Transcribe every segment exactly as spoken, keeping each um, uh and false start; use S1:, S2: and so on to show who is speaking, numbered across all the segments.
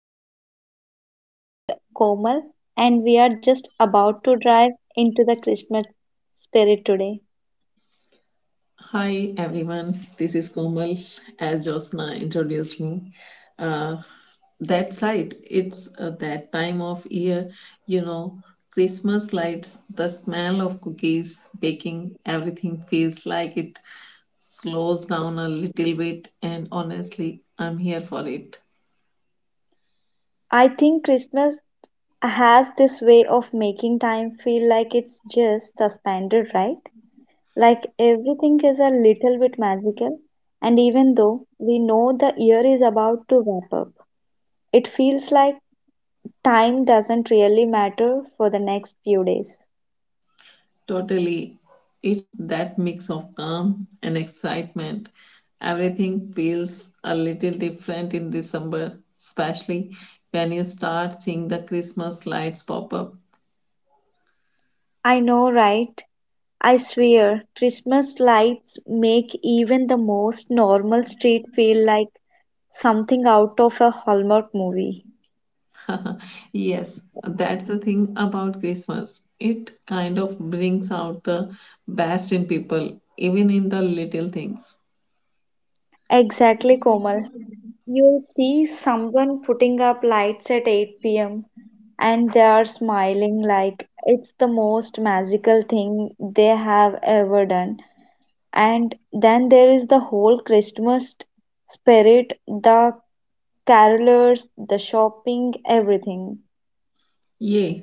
S1: joined by co host Komal, and we are just about to drive into the Christmas spirit today.
S2: Hi everyone, this is Komal. As Josna introduced me, uh, that's right. It's uh, that time of year, you know, Christmas lights, the smell of cookies, baking, everything feels like it slows down a little bit. And honestly, I'm here for it.
S1: I think Christmas has this way of making time feel like it's just suspended, right? Like everything is a little bit magical, and even though we know the year is about to wrap up, it feels like time doesn't really matter for the next few days.
S2: Totally. It's that mix of calm and excitement. Everything feels a little different in December, especially when you start seeing the Christmas lights pop up.
S1: I know, right? I swear, Christmas lights make even the most normal street feel like something out of a Hallmark movie.
S2: Yes, that's the thing about Christmas. It kind of brings out the best in people, even in the little things.
S1: Exactly, Komal. You'll see someone putting up lights at eight p m and they are smiling like it's the most magical thing they have ever done. And then there is the whole Christmas spirit, the carolers, the shopping, everything.
S2: Yeah,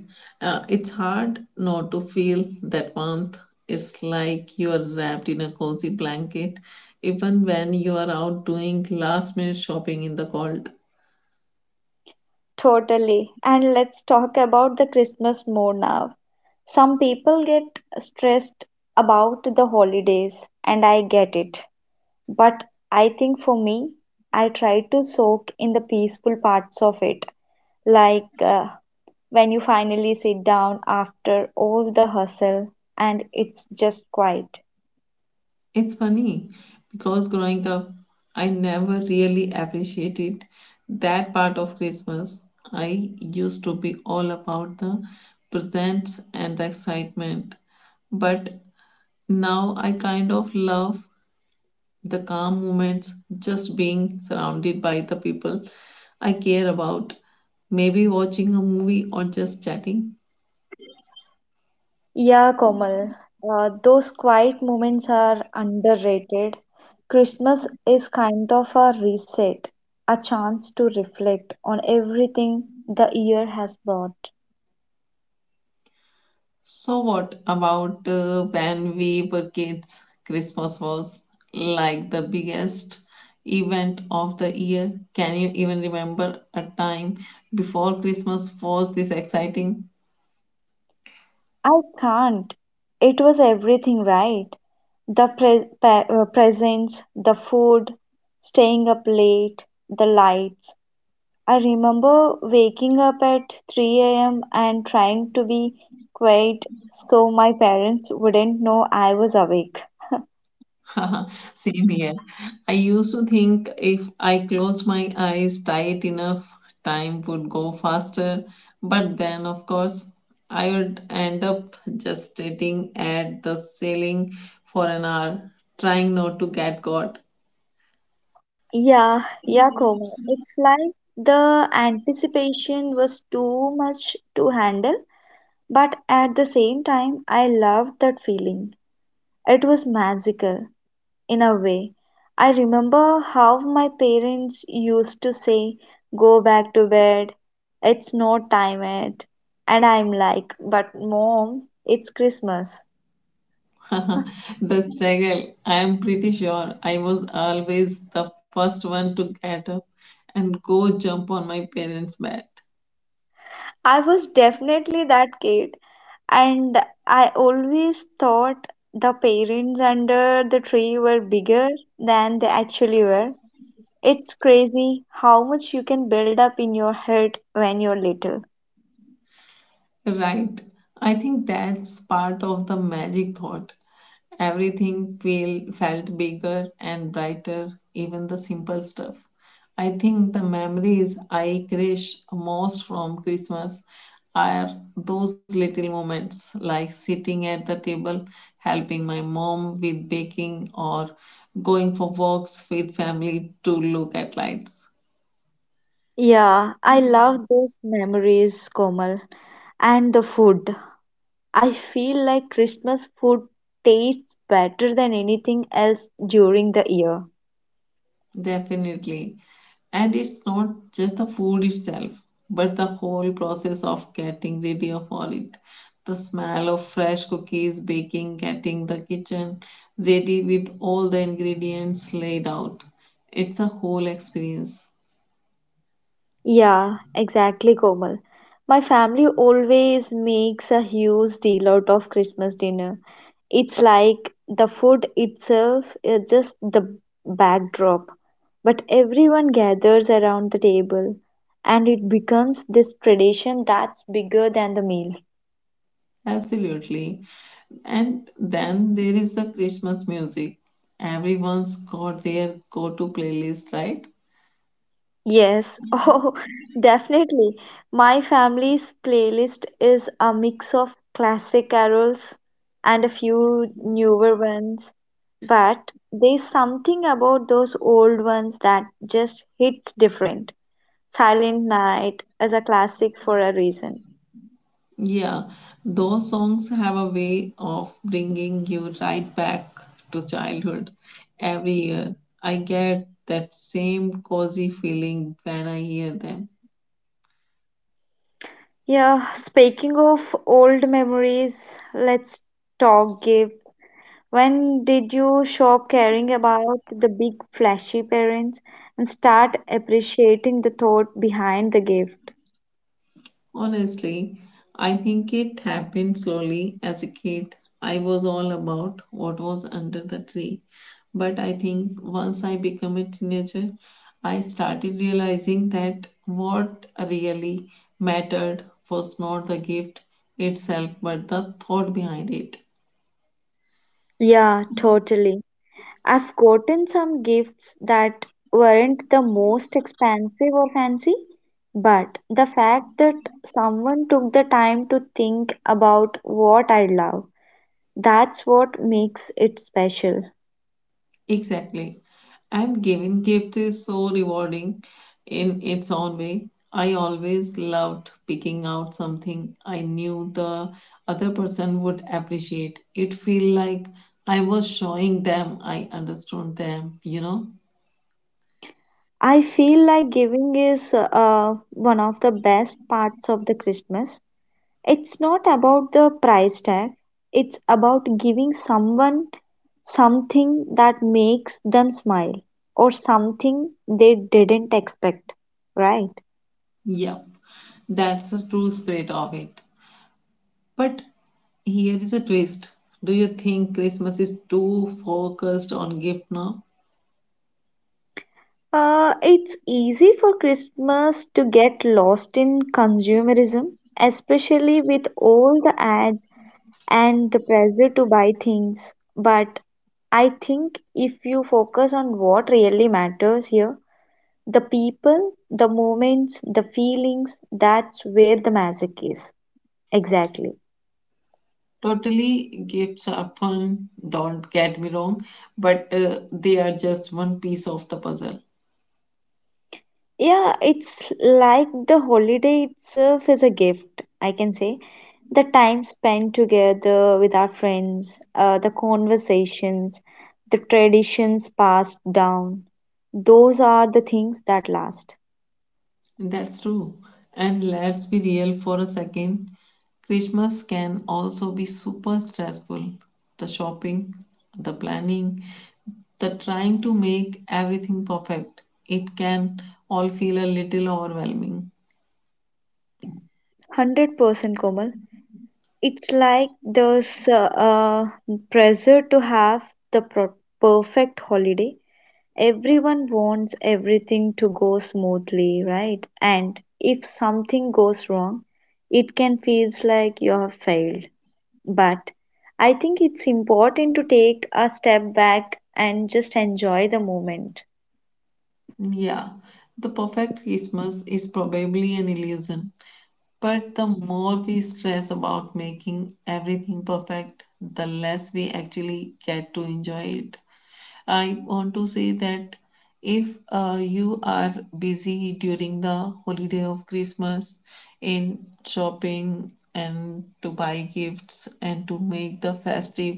S2: uh, it's hard not to feel that warmth. It's like you are wrapped in a cozy blanket, even when you are out doing last minute shopping in the cold.
S1: Totally. And let's talk about the Christmas more now. Some people get stressed about the holidays, and I get it. But I think for me, I try to soak in the peaceful parts of it. Like uh, when you finally sit down after all the hustle and it's just quiet.
S2: It's funny because growing up, I never really appreciated that part of Christmas. I used to be all about the presents and the excitement, but now I kind of love the calm moments, just being surrounded by the people I care about, maybe watching a movie or just chatting.
S1: Yeah, Komal, uh, those quiet moments are underrated. Christmas is kind of a reset, a chance to reflect on everything the year has brought.
S2: So, what about uh, when we were kids? Christmas was like the biggest event of the year. Can you even remember a time before Christmas was this exciting?
S1: I can't. It was everything, right? The pre pa- uh, presents, the food, staying up late, the lights. I remember waking up at three a m and trying to be quiet so my parents wouldn't know I was awake.
S2: Same here. I used to think if I closed my eyes tight enough, time would go faster. But then, of course, I would end up just sitting at the ceiling for an hour, trying not to get caught.
S1: Yeah, yeah, Koma. It's like the anticipation was too much to handle, but at the same time, I loved that feeling. It was magical in a way. I remember how my parents used to say, "Go back to bed, it's not time yet." And I'm like, "But mom, it's Christmas."
S2: The struggle. I am pretty sure I was always the first one to get up and go jump on my parents' bed.
S1: I was definitely that kid, and I always thought the parents under the tree were bigger than they actually were. It's crazy how much you can build up in your head when you're little.
S2: Right. I think that's part of the magic thought. Everything feel, felt bigger and brighter, even the simple stuff. I think the memories I cherish most from Christmas are those little moments, like sitting at the table, helping my mom with baking, or going for walks with family to look at lights.
S1: Yeah, I love those memories, Komal. And the food. I feel like Christmas food tastes better than anything else during the year.
S2: Definitely. And it's not just the food itself, but the whole process of getting ready of all it. The smell of fresh cookies baking, getting the kitchen ready with all the ingredients laid out. It's a whole experience.
S1: Yeah, exactly, Komal. My family always makes a huge deal out of Christmas dinner. It's like the food itself is just the backdrop, but everyone gathers around the table and it becomes this tradition that's bigger than the meal.
S2: Absolutely. And then there is the Christmas music. Everyone's got their go to playlist, right?
S1: Yes, oh, definitely. My family's playlist is a mix of classic carols and a few newer ones, but there's something about those old ones that just hits different. Silent Night is a classic for a reason.
S2: Yeah, those songs have a way of bringing you right back to childhood every year. I get that same cozy feeling when I hear them.
S1: Yeah, speaking of old memories, let's talk gifts. When did you stop caring about the big flashy parents and start appreciating the thought behind the gift?
S2: Honestly, I think it happened slowly. As a kid, I was all about what was under the tree. But I think once I became a teenager, I started realizing that what really mattered was not the gift itself, but the thought behind it.
S1: Yeah, totally. I've gotten some gifts that weren't the most expensive or fancy, but the fact that someone took the time to think about what I love, that's what makes it special.
S2: Exactly. And giving gift is so rewarding in its own way. I always loved picking out something I knew the other person would appreciate. It feel like I was showing them I understood them, you know?
S1: I feel like giving is uh, one of the best parts of the Christmas. It's not about the price tag, it's about giving someone something that makes them smile or something they didn't expect, right?
S2: Yep. That's the true spirit of it. But here is a twist. Do you think Christmas is too focused on gift now?
S1: Uh, it's easy for Christmas to get lost in consumerism, especially with all the ads and the pressure to buy things. But I think if you focus on what really matters here, the people, the moments, the feelings, that's where the magic is. Exactly.
S2: Totally, gifts are fun, don't get me wrong, but uh, they are just one piece of the puzzle.
S1: Yeah, it's like the holiday itself is a gift, I can say. The time spent together with our friends, uh, the conversations, the traditions passed down, those are the things that last.
S2: That's true. And let's be real for a second. Christmas can also be super stressful. The shopping, the planning, the trying to make everything perfect. It can all feel a little overwhelming.
S1: one hundred percent Komal. It's like there's uh, uh, pressure to have the pro perfect holiday. Everyone wants everything to go smoothly, right? And if something goes wrong, it can feel like you have failed. But I think it's important to take a step back and just enjoy the moment.
S2: Yeah, the perfect Christmas is probably an illusion. But the more we stress about making everything perfect, the less we actually get to enjoy it. I want to say that if uh, you are busy during the holiday of Christmas in shopping and to buy gifts and to make the festive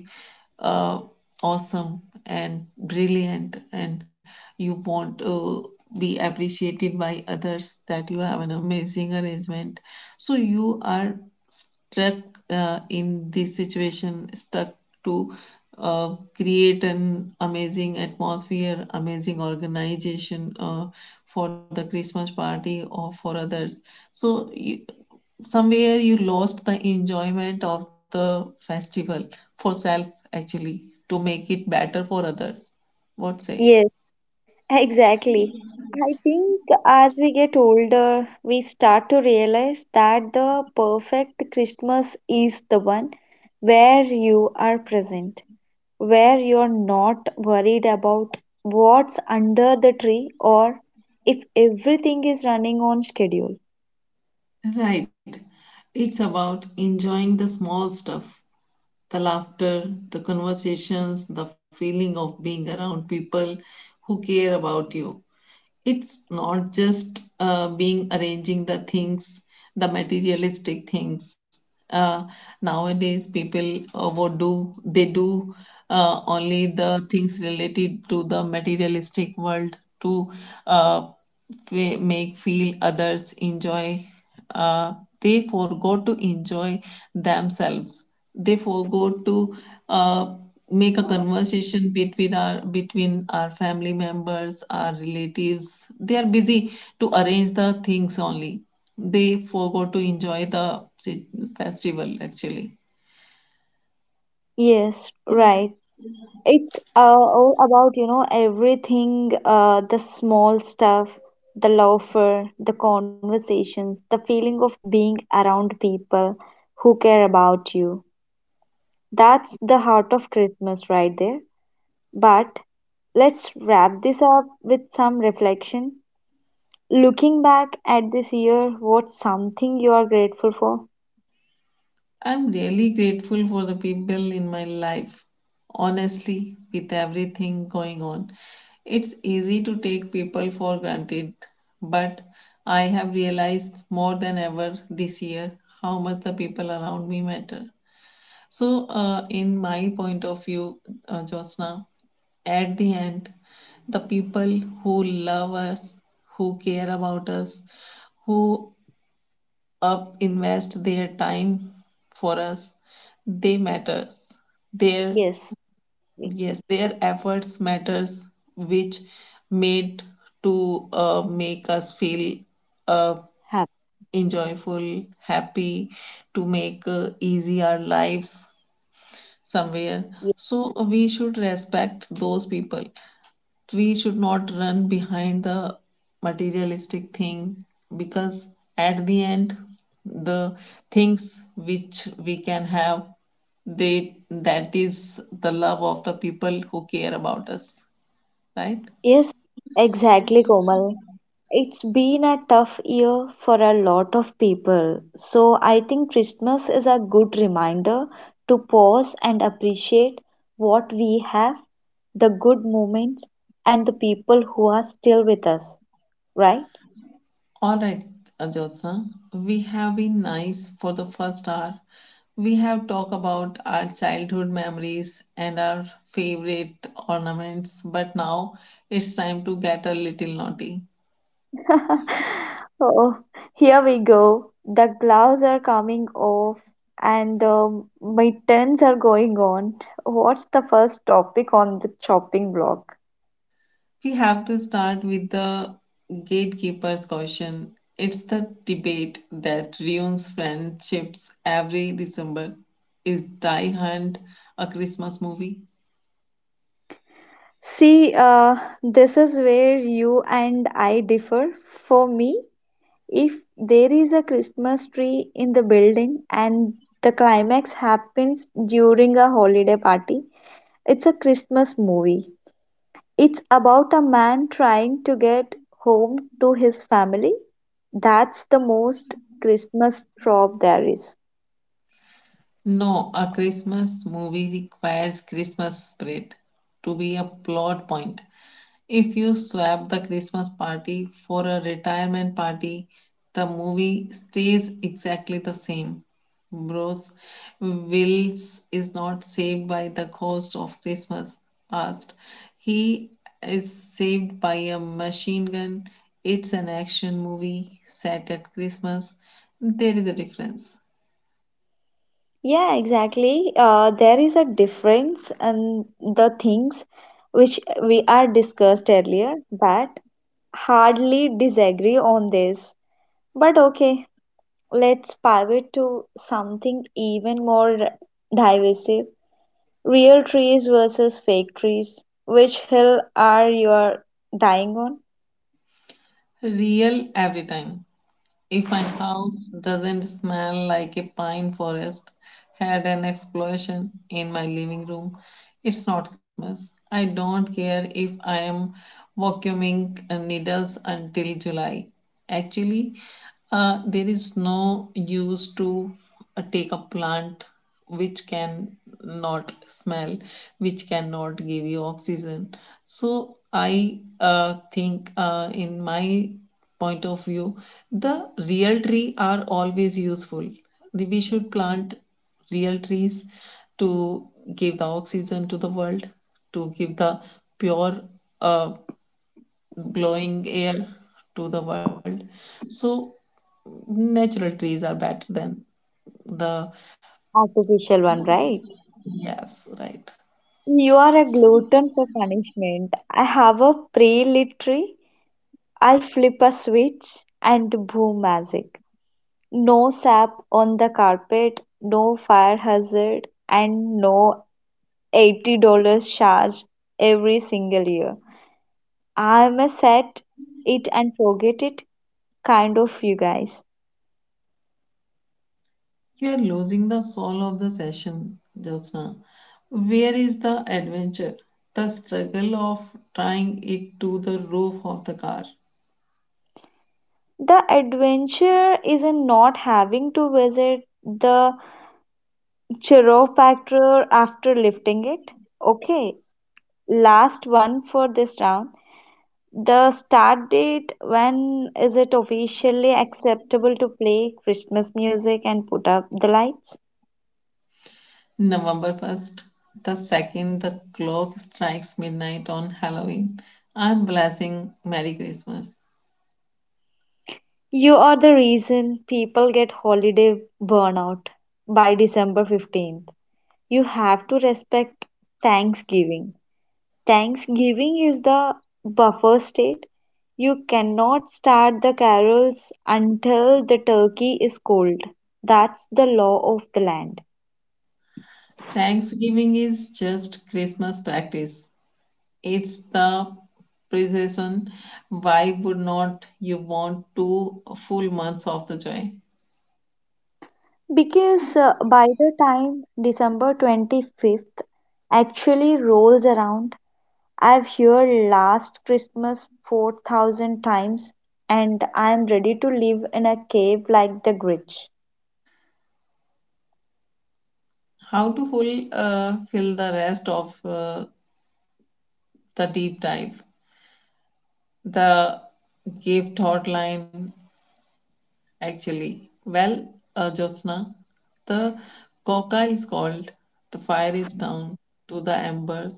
S2: uh, awesome and brilliant, and you want to be appreciated by others, that you have an amazing arrangement, so you are stuck uh, in this situation, stuck to uh, create an amazing atmosphere, amazing organization uh, for the Christmas party or for others. So, you, somewhere you lost the enjoyment of the festival for self, actually, to make it better for others. What say?
S1: Yes, exactly. I think as we get older, we start to realize that the perfect Christmas is the one where you are present, where you're not worried about what's under the tree or if everything is running on schedule.
S2: Right. It's about enjoying the small stuff. the laughter, the conversations, the feeling of being around people who care about you. It's not just uh, being arranging the things, the materialistic things. Uh, Nowadays, people uh, what do they do, uh, only the things related to the materialistic world, to uh, fe- make feel others enjoy, uh, they forgot to enjoy themselves. They forgot to uh, make a conversation between our between our family members, our relatives. They are busy to arrange the things only. They forgot to enjoy the si- festival actually.
S1: Yes, right. It's uh, all about, you know, everything, uh, the small stuff, the laughter, the conversations, the feeling of being around people who care about you. That's the heart of Christmas right there. But let's wrap this up with some reflection. Looking back at this year, what's something you are grateful for?
S2: I'm really grateful for the people in my life. Honestly, with everything going on, it's easy to take people for granted, but I have realized more than ever this year how much the people around me matter. So, uh, in my point of view, uh, Josna, at the end, the people who love us, who care about us, who up invest their time for us, they matters, their,
S1: Yes, we
S2: yes, their efforts matters, which made to uh, make us feel uh,
S1: have.
S2: enjoyful happy, to make uh, easy our lives somewhere.
S1: Yes,
S2: So we should respect those people. We should not run behind the materialistic thing, because at the end, the things which we can have, they, that is the love of the people who care about us, right?
S1: yes, exactly, Komal. It's been a tough year for a lot of people. So I think Christmas is a good reminder to pause and appreciate what we have, the good moments, and the people who are still with us, right?
S2: All right, ajotsa, we have been nice for the first hour. We have talked about our childhood memories and our favorite ornaments, but now it's time to get a little naughty.
S1: Oh, here we go. The gloves are coming off and the mittens are going on. What's the first topic on the chopping block?
S2: We have to start with the gatekeeper's caution. It's the debate that ruins friendships every December. Is Die Hard a Christmas movie?
S1: See, uh, this is where you and I differ. For me, if there is a Christmas tree in the building and the climax happens during a holiday party, it's a Christmas movie. It's about a man trying to get home to his family. That's the most Christmas trope there is.
S2: No, a Christmas movie requires Christmas spirit to be a plot point. If you swap the Christmas party for a retirement party, the movie stays exactly the same. Bros, Wills is not saved by the cost of Christmas past. He is saved by a machine gun. It's an action movie set at Christmas. There is a difference.
S1: Yeah, exactly. Uh, there is a difference in the things which we are discussed earlier, but hardly disagree on this. But okay, let's pivot to something even more divisive. Real trees versus fake trees. Which hill are you dying on?
S2: Real every time. If my house doesn't smell like a pine forest had an explosion in my living room, it's not Christmas. I don't care if I am vacuuming uh, needles until July. Actually, uh, there is no use to uh, take a plant which can not smell, which cannot give you oxygen. So I uh, think, uh, in my point of view, the real tree are always useful. We should plant real trees to give the oxygen to the world, to give the pure, uh, glowing air to the world. So natural trees are better than the,
S1: Artificial one, right?
S2: yes, right.
S1: You are a glutton for punishment. I have a pre-lit tree. I flip a switch and boom, magic. No sap on the carpet, no fire hazard, and no eighty dollars charge every single year. I'm a set it and forget it kind of you guys.
S2: You are losing the soul of the session, Jyotsna. Where is the adventure? The struggle of trying it to the roof of the car.
S1: The adventure is in not having to visit the chiropractor after lifting it. Okay, last one for this round. The start date, when is it officially acceptable to play Christmas music and put up the lights?
S2: November first, the second the clock strikes midnight on Halloween, I'm blessing Merry Christmas.
S1: You are the reason people get holiday burnout by December fifteenth. You have to respect Thanksgiving. Thanksgiving is the buffer state. You cannot start the carols until the turkey is cold. That's the law of the land.
S2: Thanksgiving is just Christmas practice. It's the precision. Why would not you want two full months of the joy?
S1: Because uh, by the time December twenty-fifth actually rolls around, I've heard last Christmas four thousand times and I'm ready to live in a cave like the Grinch.
S2: How to full uh, fill the rest of uh, the deep dive, the gift hotline actually. Well, uh, Jyotsna, the coca is called, the fire is down to the embers,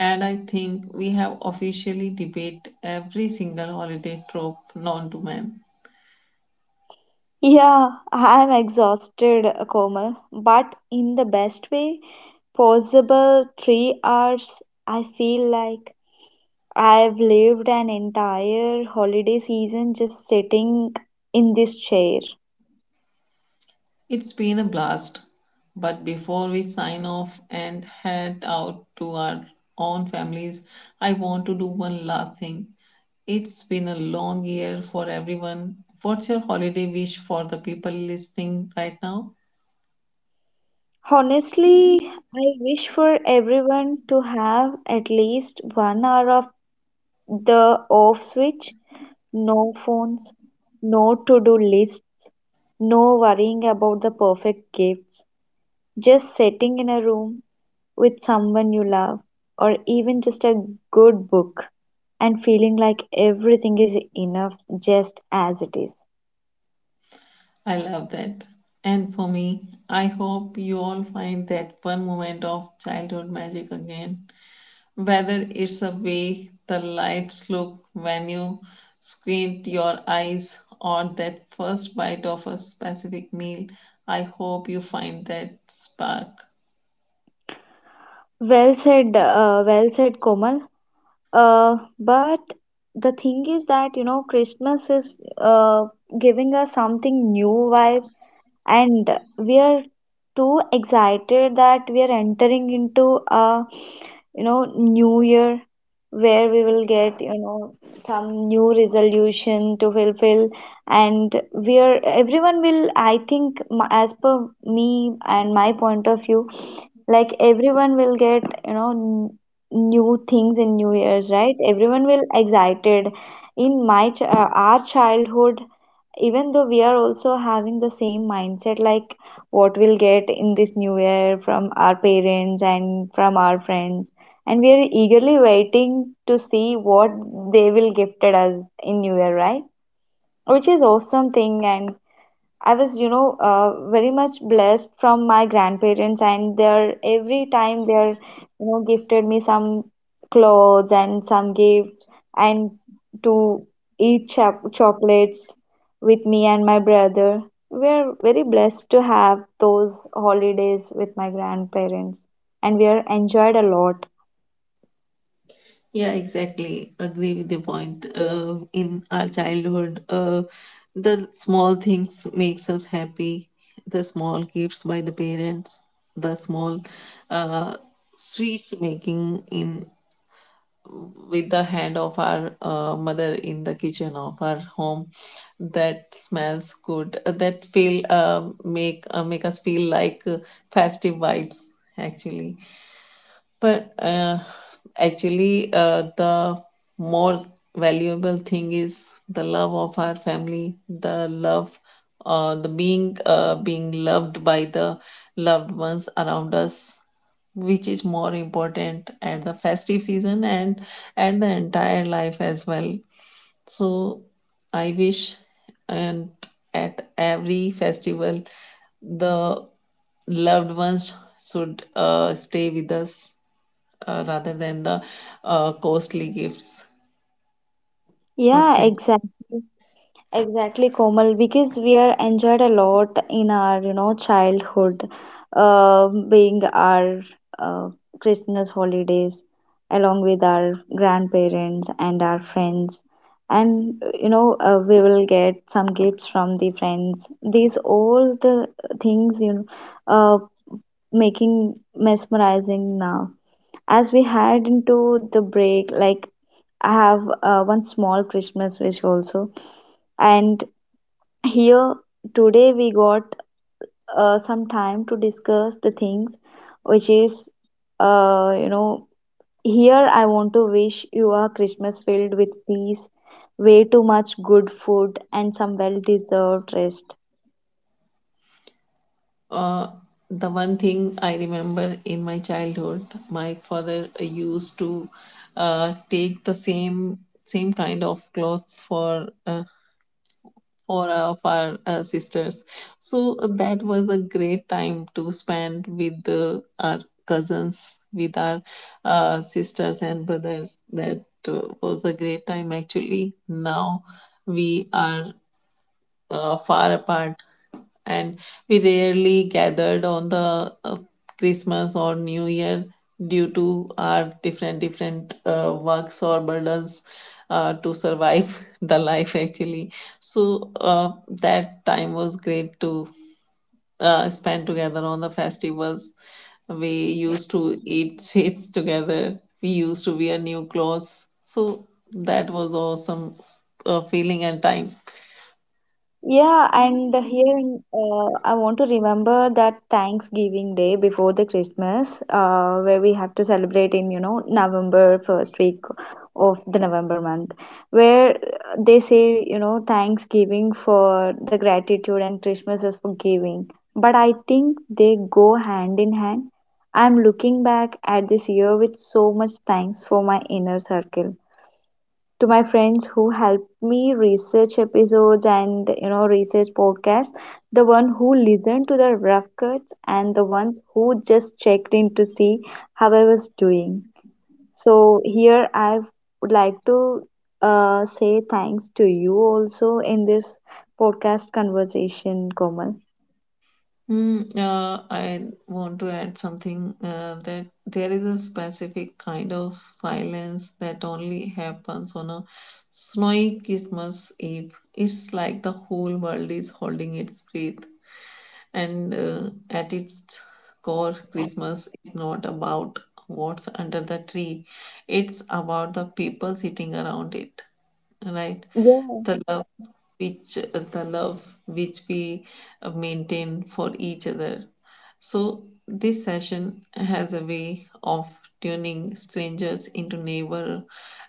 S2: and I think we have officially debate every single holiday trope known to man.
S1: Yeah, I'm exhausted, Komal, but in the best way possible. Three hours, I feel like I've lived an entire holiday season just sitting in this chair.
S2: It's been a blast. But before we sign off and head out to our own families, I want to do one last thing. It's been a long year for everyone. What's your holiday wish for the people listening right now?
S1: Honestly, I wish for everyone to have at least one hour of the off switch. No phones, no to do lists, no worrying about the perfect gifts. Just sitting in a room with someone you love, or even just a good book, and feeling like everything is enough just as it is.
S2: I love that. And for me, I hope you all find that one moment of childhood magic again, whether it's a way the lights look when you squint your eyes or that first bite of a specific meal. I hope you find that spark.
S1: Well said, uh, well said, Komal. Uh, but the thing is that, you know, Christmas is uh, giving us something new vibe, and we are too excited that we are entering into a, you know, new year where we will get, you know some new resolution to fulfill, and where everyone will, i think m- as per me and my point of view, like everyone will get, you know n- new things in new years, right? Everyone will excited. In my ch- uh, our childhood, even though we are also having the same mindset, like what we'll get in this new year from our parents and from our friends, and we are eagerly waiting to see what they will gifted us in new year, right? Which is awesome thing. And I was, you know, uh, very much blessed from my grandparents, and their every time they're, you know, gifted me some clothes and some gifts, and to eat cho- chocolates with me and my brother. We're very blessed to have those holidays with my grandparents, and we are enjoyed a lot.
S2: Yeah, exactly. Agree with the point. Uh, in our childhood, uh, the small things makes us happy. The small gifts by the parents, the small uh, sweets making in with the hand of our uh, mother in the kitchen of our home, that smells good, uh, that feel, uh, make uh, make us feel like uh, festive vibes actually. But uh, actually, uh, the more valuable thing is the love of our family, the love, uh, the being, uh, being loved by the loved ones around us, which is more important at the festive season and at the entire life as well. So I wish, and at every festival, the loved ones should uh, stay with us uh, rather than the uh, costly gifts. What
S1: Yeah,
S2: say?
S1: exactly. Exactly, Komal, because we are enjoyed a lot in our, you know, childhood, uh, being our uh, Christmas holidays along with our grandparents and our friends. And, you know, uh, we will get some gifts from the friends. These all the things, you know, uh, making mesmerizing now. As we head into the break, like I have uh, one small Christmas wish also, and here today we got uh, some time to discuss the things which is, uh, you know, here I want to wish you a Christmas filled with peace, way too much good food, and some well deserved rest.
S2: Uh, the one thing I remember in my childhood, my father used to uh, take the same same kind of clothes for uh, for our, for our uh, sisters. So that was a great time to spend with the, our cousins, with our uh, sisters and brothers. That uh, was a great time actually. Now we are uh, far apart, and we rarely gathered on the uh, Christmas or New Year due to our different different uh, works or burdens uh, to survive the life actually. So uh, that time was great to uh, spend together on the festivals. We used to eat sweets together. We used to wear new clothes. So that was awesome uh, feeling and time.
S1: Yeah, and here in, uh, I want to remember that Thanksgiving Day before the Christmas, uh, where we have to celebrate in, you know, November first week of the November month, where uh, they say, you know, Thanksgiving for the gratitude and Christmas is for giving. But I think they go hand in hand. I'm looking back at this year with so much thanks for my inner circle, to my friends who help me research episodes and, you know, research podcasts, the one who listened to the rough cuts and the ones who just checked in to see how I was doing. So here I would like to uh, say thanks to you also in this podcast conversation, Komal.
S2: Mm. uh, I want to add something, uh, that there is a specific kind of silence that only happens on a snowy Christmas Eve. It's like the whole world is holding its breath. And uh, at its core, Christmas is not about what's under the tree, it's about the people sitting around it, right?
S1: Yeah,
S2: The love which the love which we maintain for each other. So, this session has a way of turning strangers into neighbor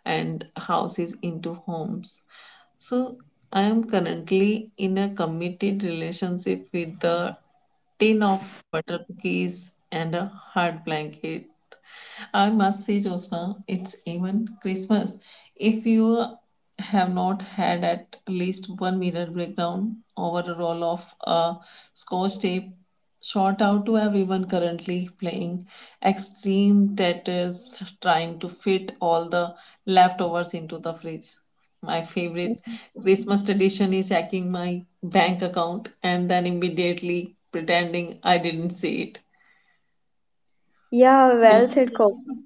S2: and houses into homes. So, I am currently in a committed relationship with a tin of butter cookies and a hard blanket. I must say, Josna, it's even Christmas. If you have not had at least one mirror breakdown over a roll of uh, scotch tape, shout out to everyone currently playing extreme tatters, trying to fit all the leftovers into the fridge. My favorite Christmas tradition is hacking my bank account and then immediately pretending I didn't see it.
S1: yeah, well said, Komal.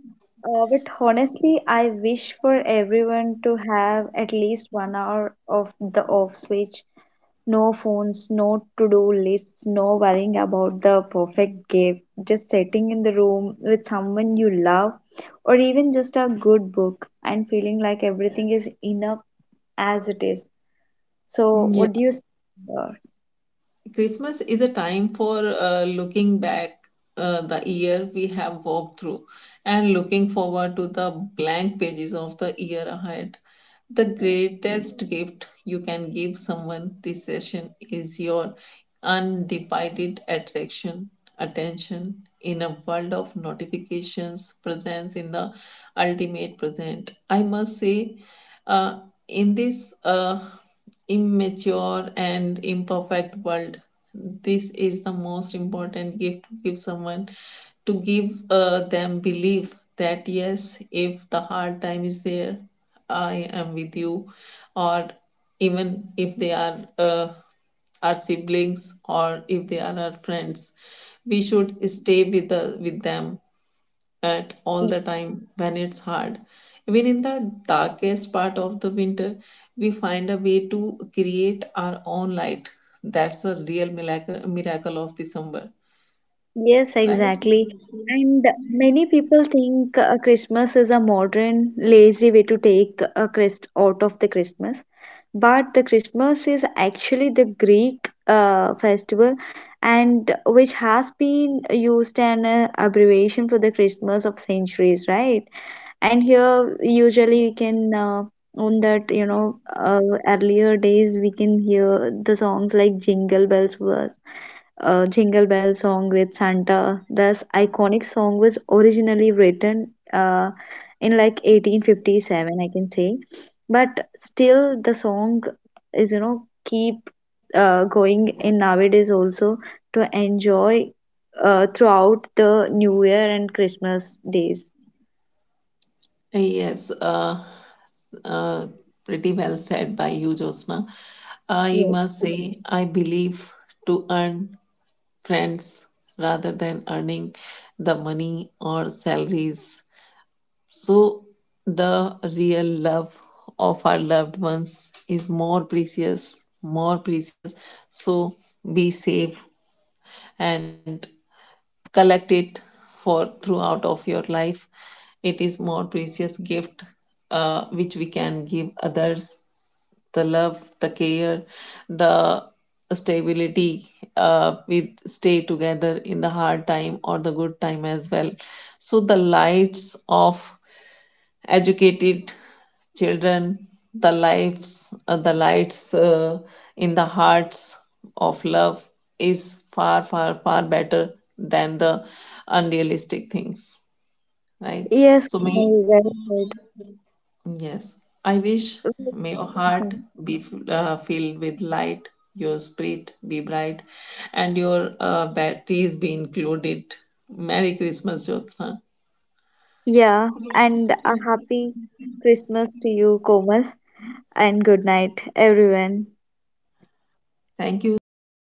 S1: Uh, but honestly, I wish for everyone to have at least one hour of the off switch. No phones, no to-do lists, no worrying about the perfect gift. Just sitting in the room with someone you love, or even just a good book, and feeling like everything is enough as it is. So,
S2: Yeah.
S1: what do you say there?
S2: Christmas is a time for uh, looking back, uh, the year we have walked through, and looking forward to the blank pages of the year ahead. The greatest gift you can give someone this session is your undivided attraction, attention, in a world of notifications, presence in the ultimate present. I must say, uh, in this. Uh, immature and imperfect world, this is the most important gift to give someone, to give uh, them belief that yes, if the hard time is there, I am with you, or even if they are uh, our siblings or if they are our friends, we should stay with the, with them at all the time when it's hard. Even in the darkest part of the winter, we find a way to create our own light. That's a real miracle, miracle of December,
S1: Yes,
S2: right?
S1: exactly. And many people think uh, Christmas is a modern, lazy way to take a Christ out of the Christmas. But the Christmas is actually the Greek uh, festival, and which has been used an uh, abbreviation for the Christmas of centuries, right? And here, usually, we can, uh, on that, you know, uh, earlier days we can hear the songs like Jingle Bells was uh, Jingle Bell song with Santa. This iconic song was originally written uh, in like eighteen fifty-seven, I can say, but still the song is, you know, keep uh, going in nowadays also to enjoy uh, throughout the New Year and Christmas days.
S2: Yes, uh, uh, pretty well said by you, Josna. I
S1: Yes,
S2: must say, I believe to earn friends rather than earning the money or salaries. So, the real love of our loved ones is more precious, more precious. So, be safe and collect it for throughout of your life. It is more precious gift uh, which we can give others. The love, the care, the stability. Uh, with stay together in the hard time or the good time as well. So the lights of educated children, the lives, uh, the lights uh, in the hearts of love, is far far far better than the unrealistic things, right?
S1: yes,
S2: So may,
S1: Komal, well
S2: yes, I wish,
S1: said.
S2: may your
S1: Uh-huh.
S2: heart be uh, filled with light, your spirit be bright, and your uh, batteries be included. Merry Christmas, Jyotsna.
S1: Yeah, and a happy Christmas to you, Komal, and good night, everyone.
S2: Thank you, thank you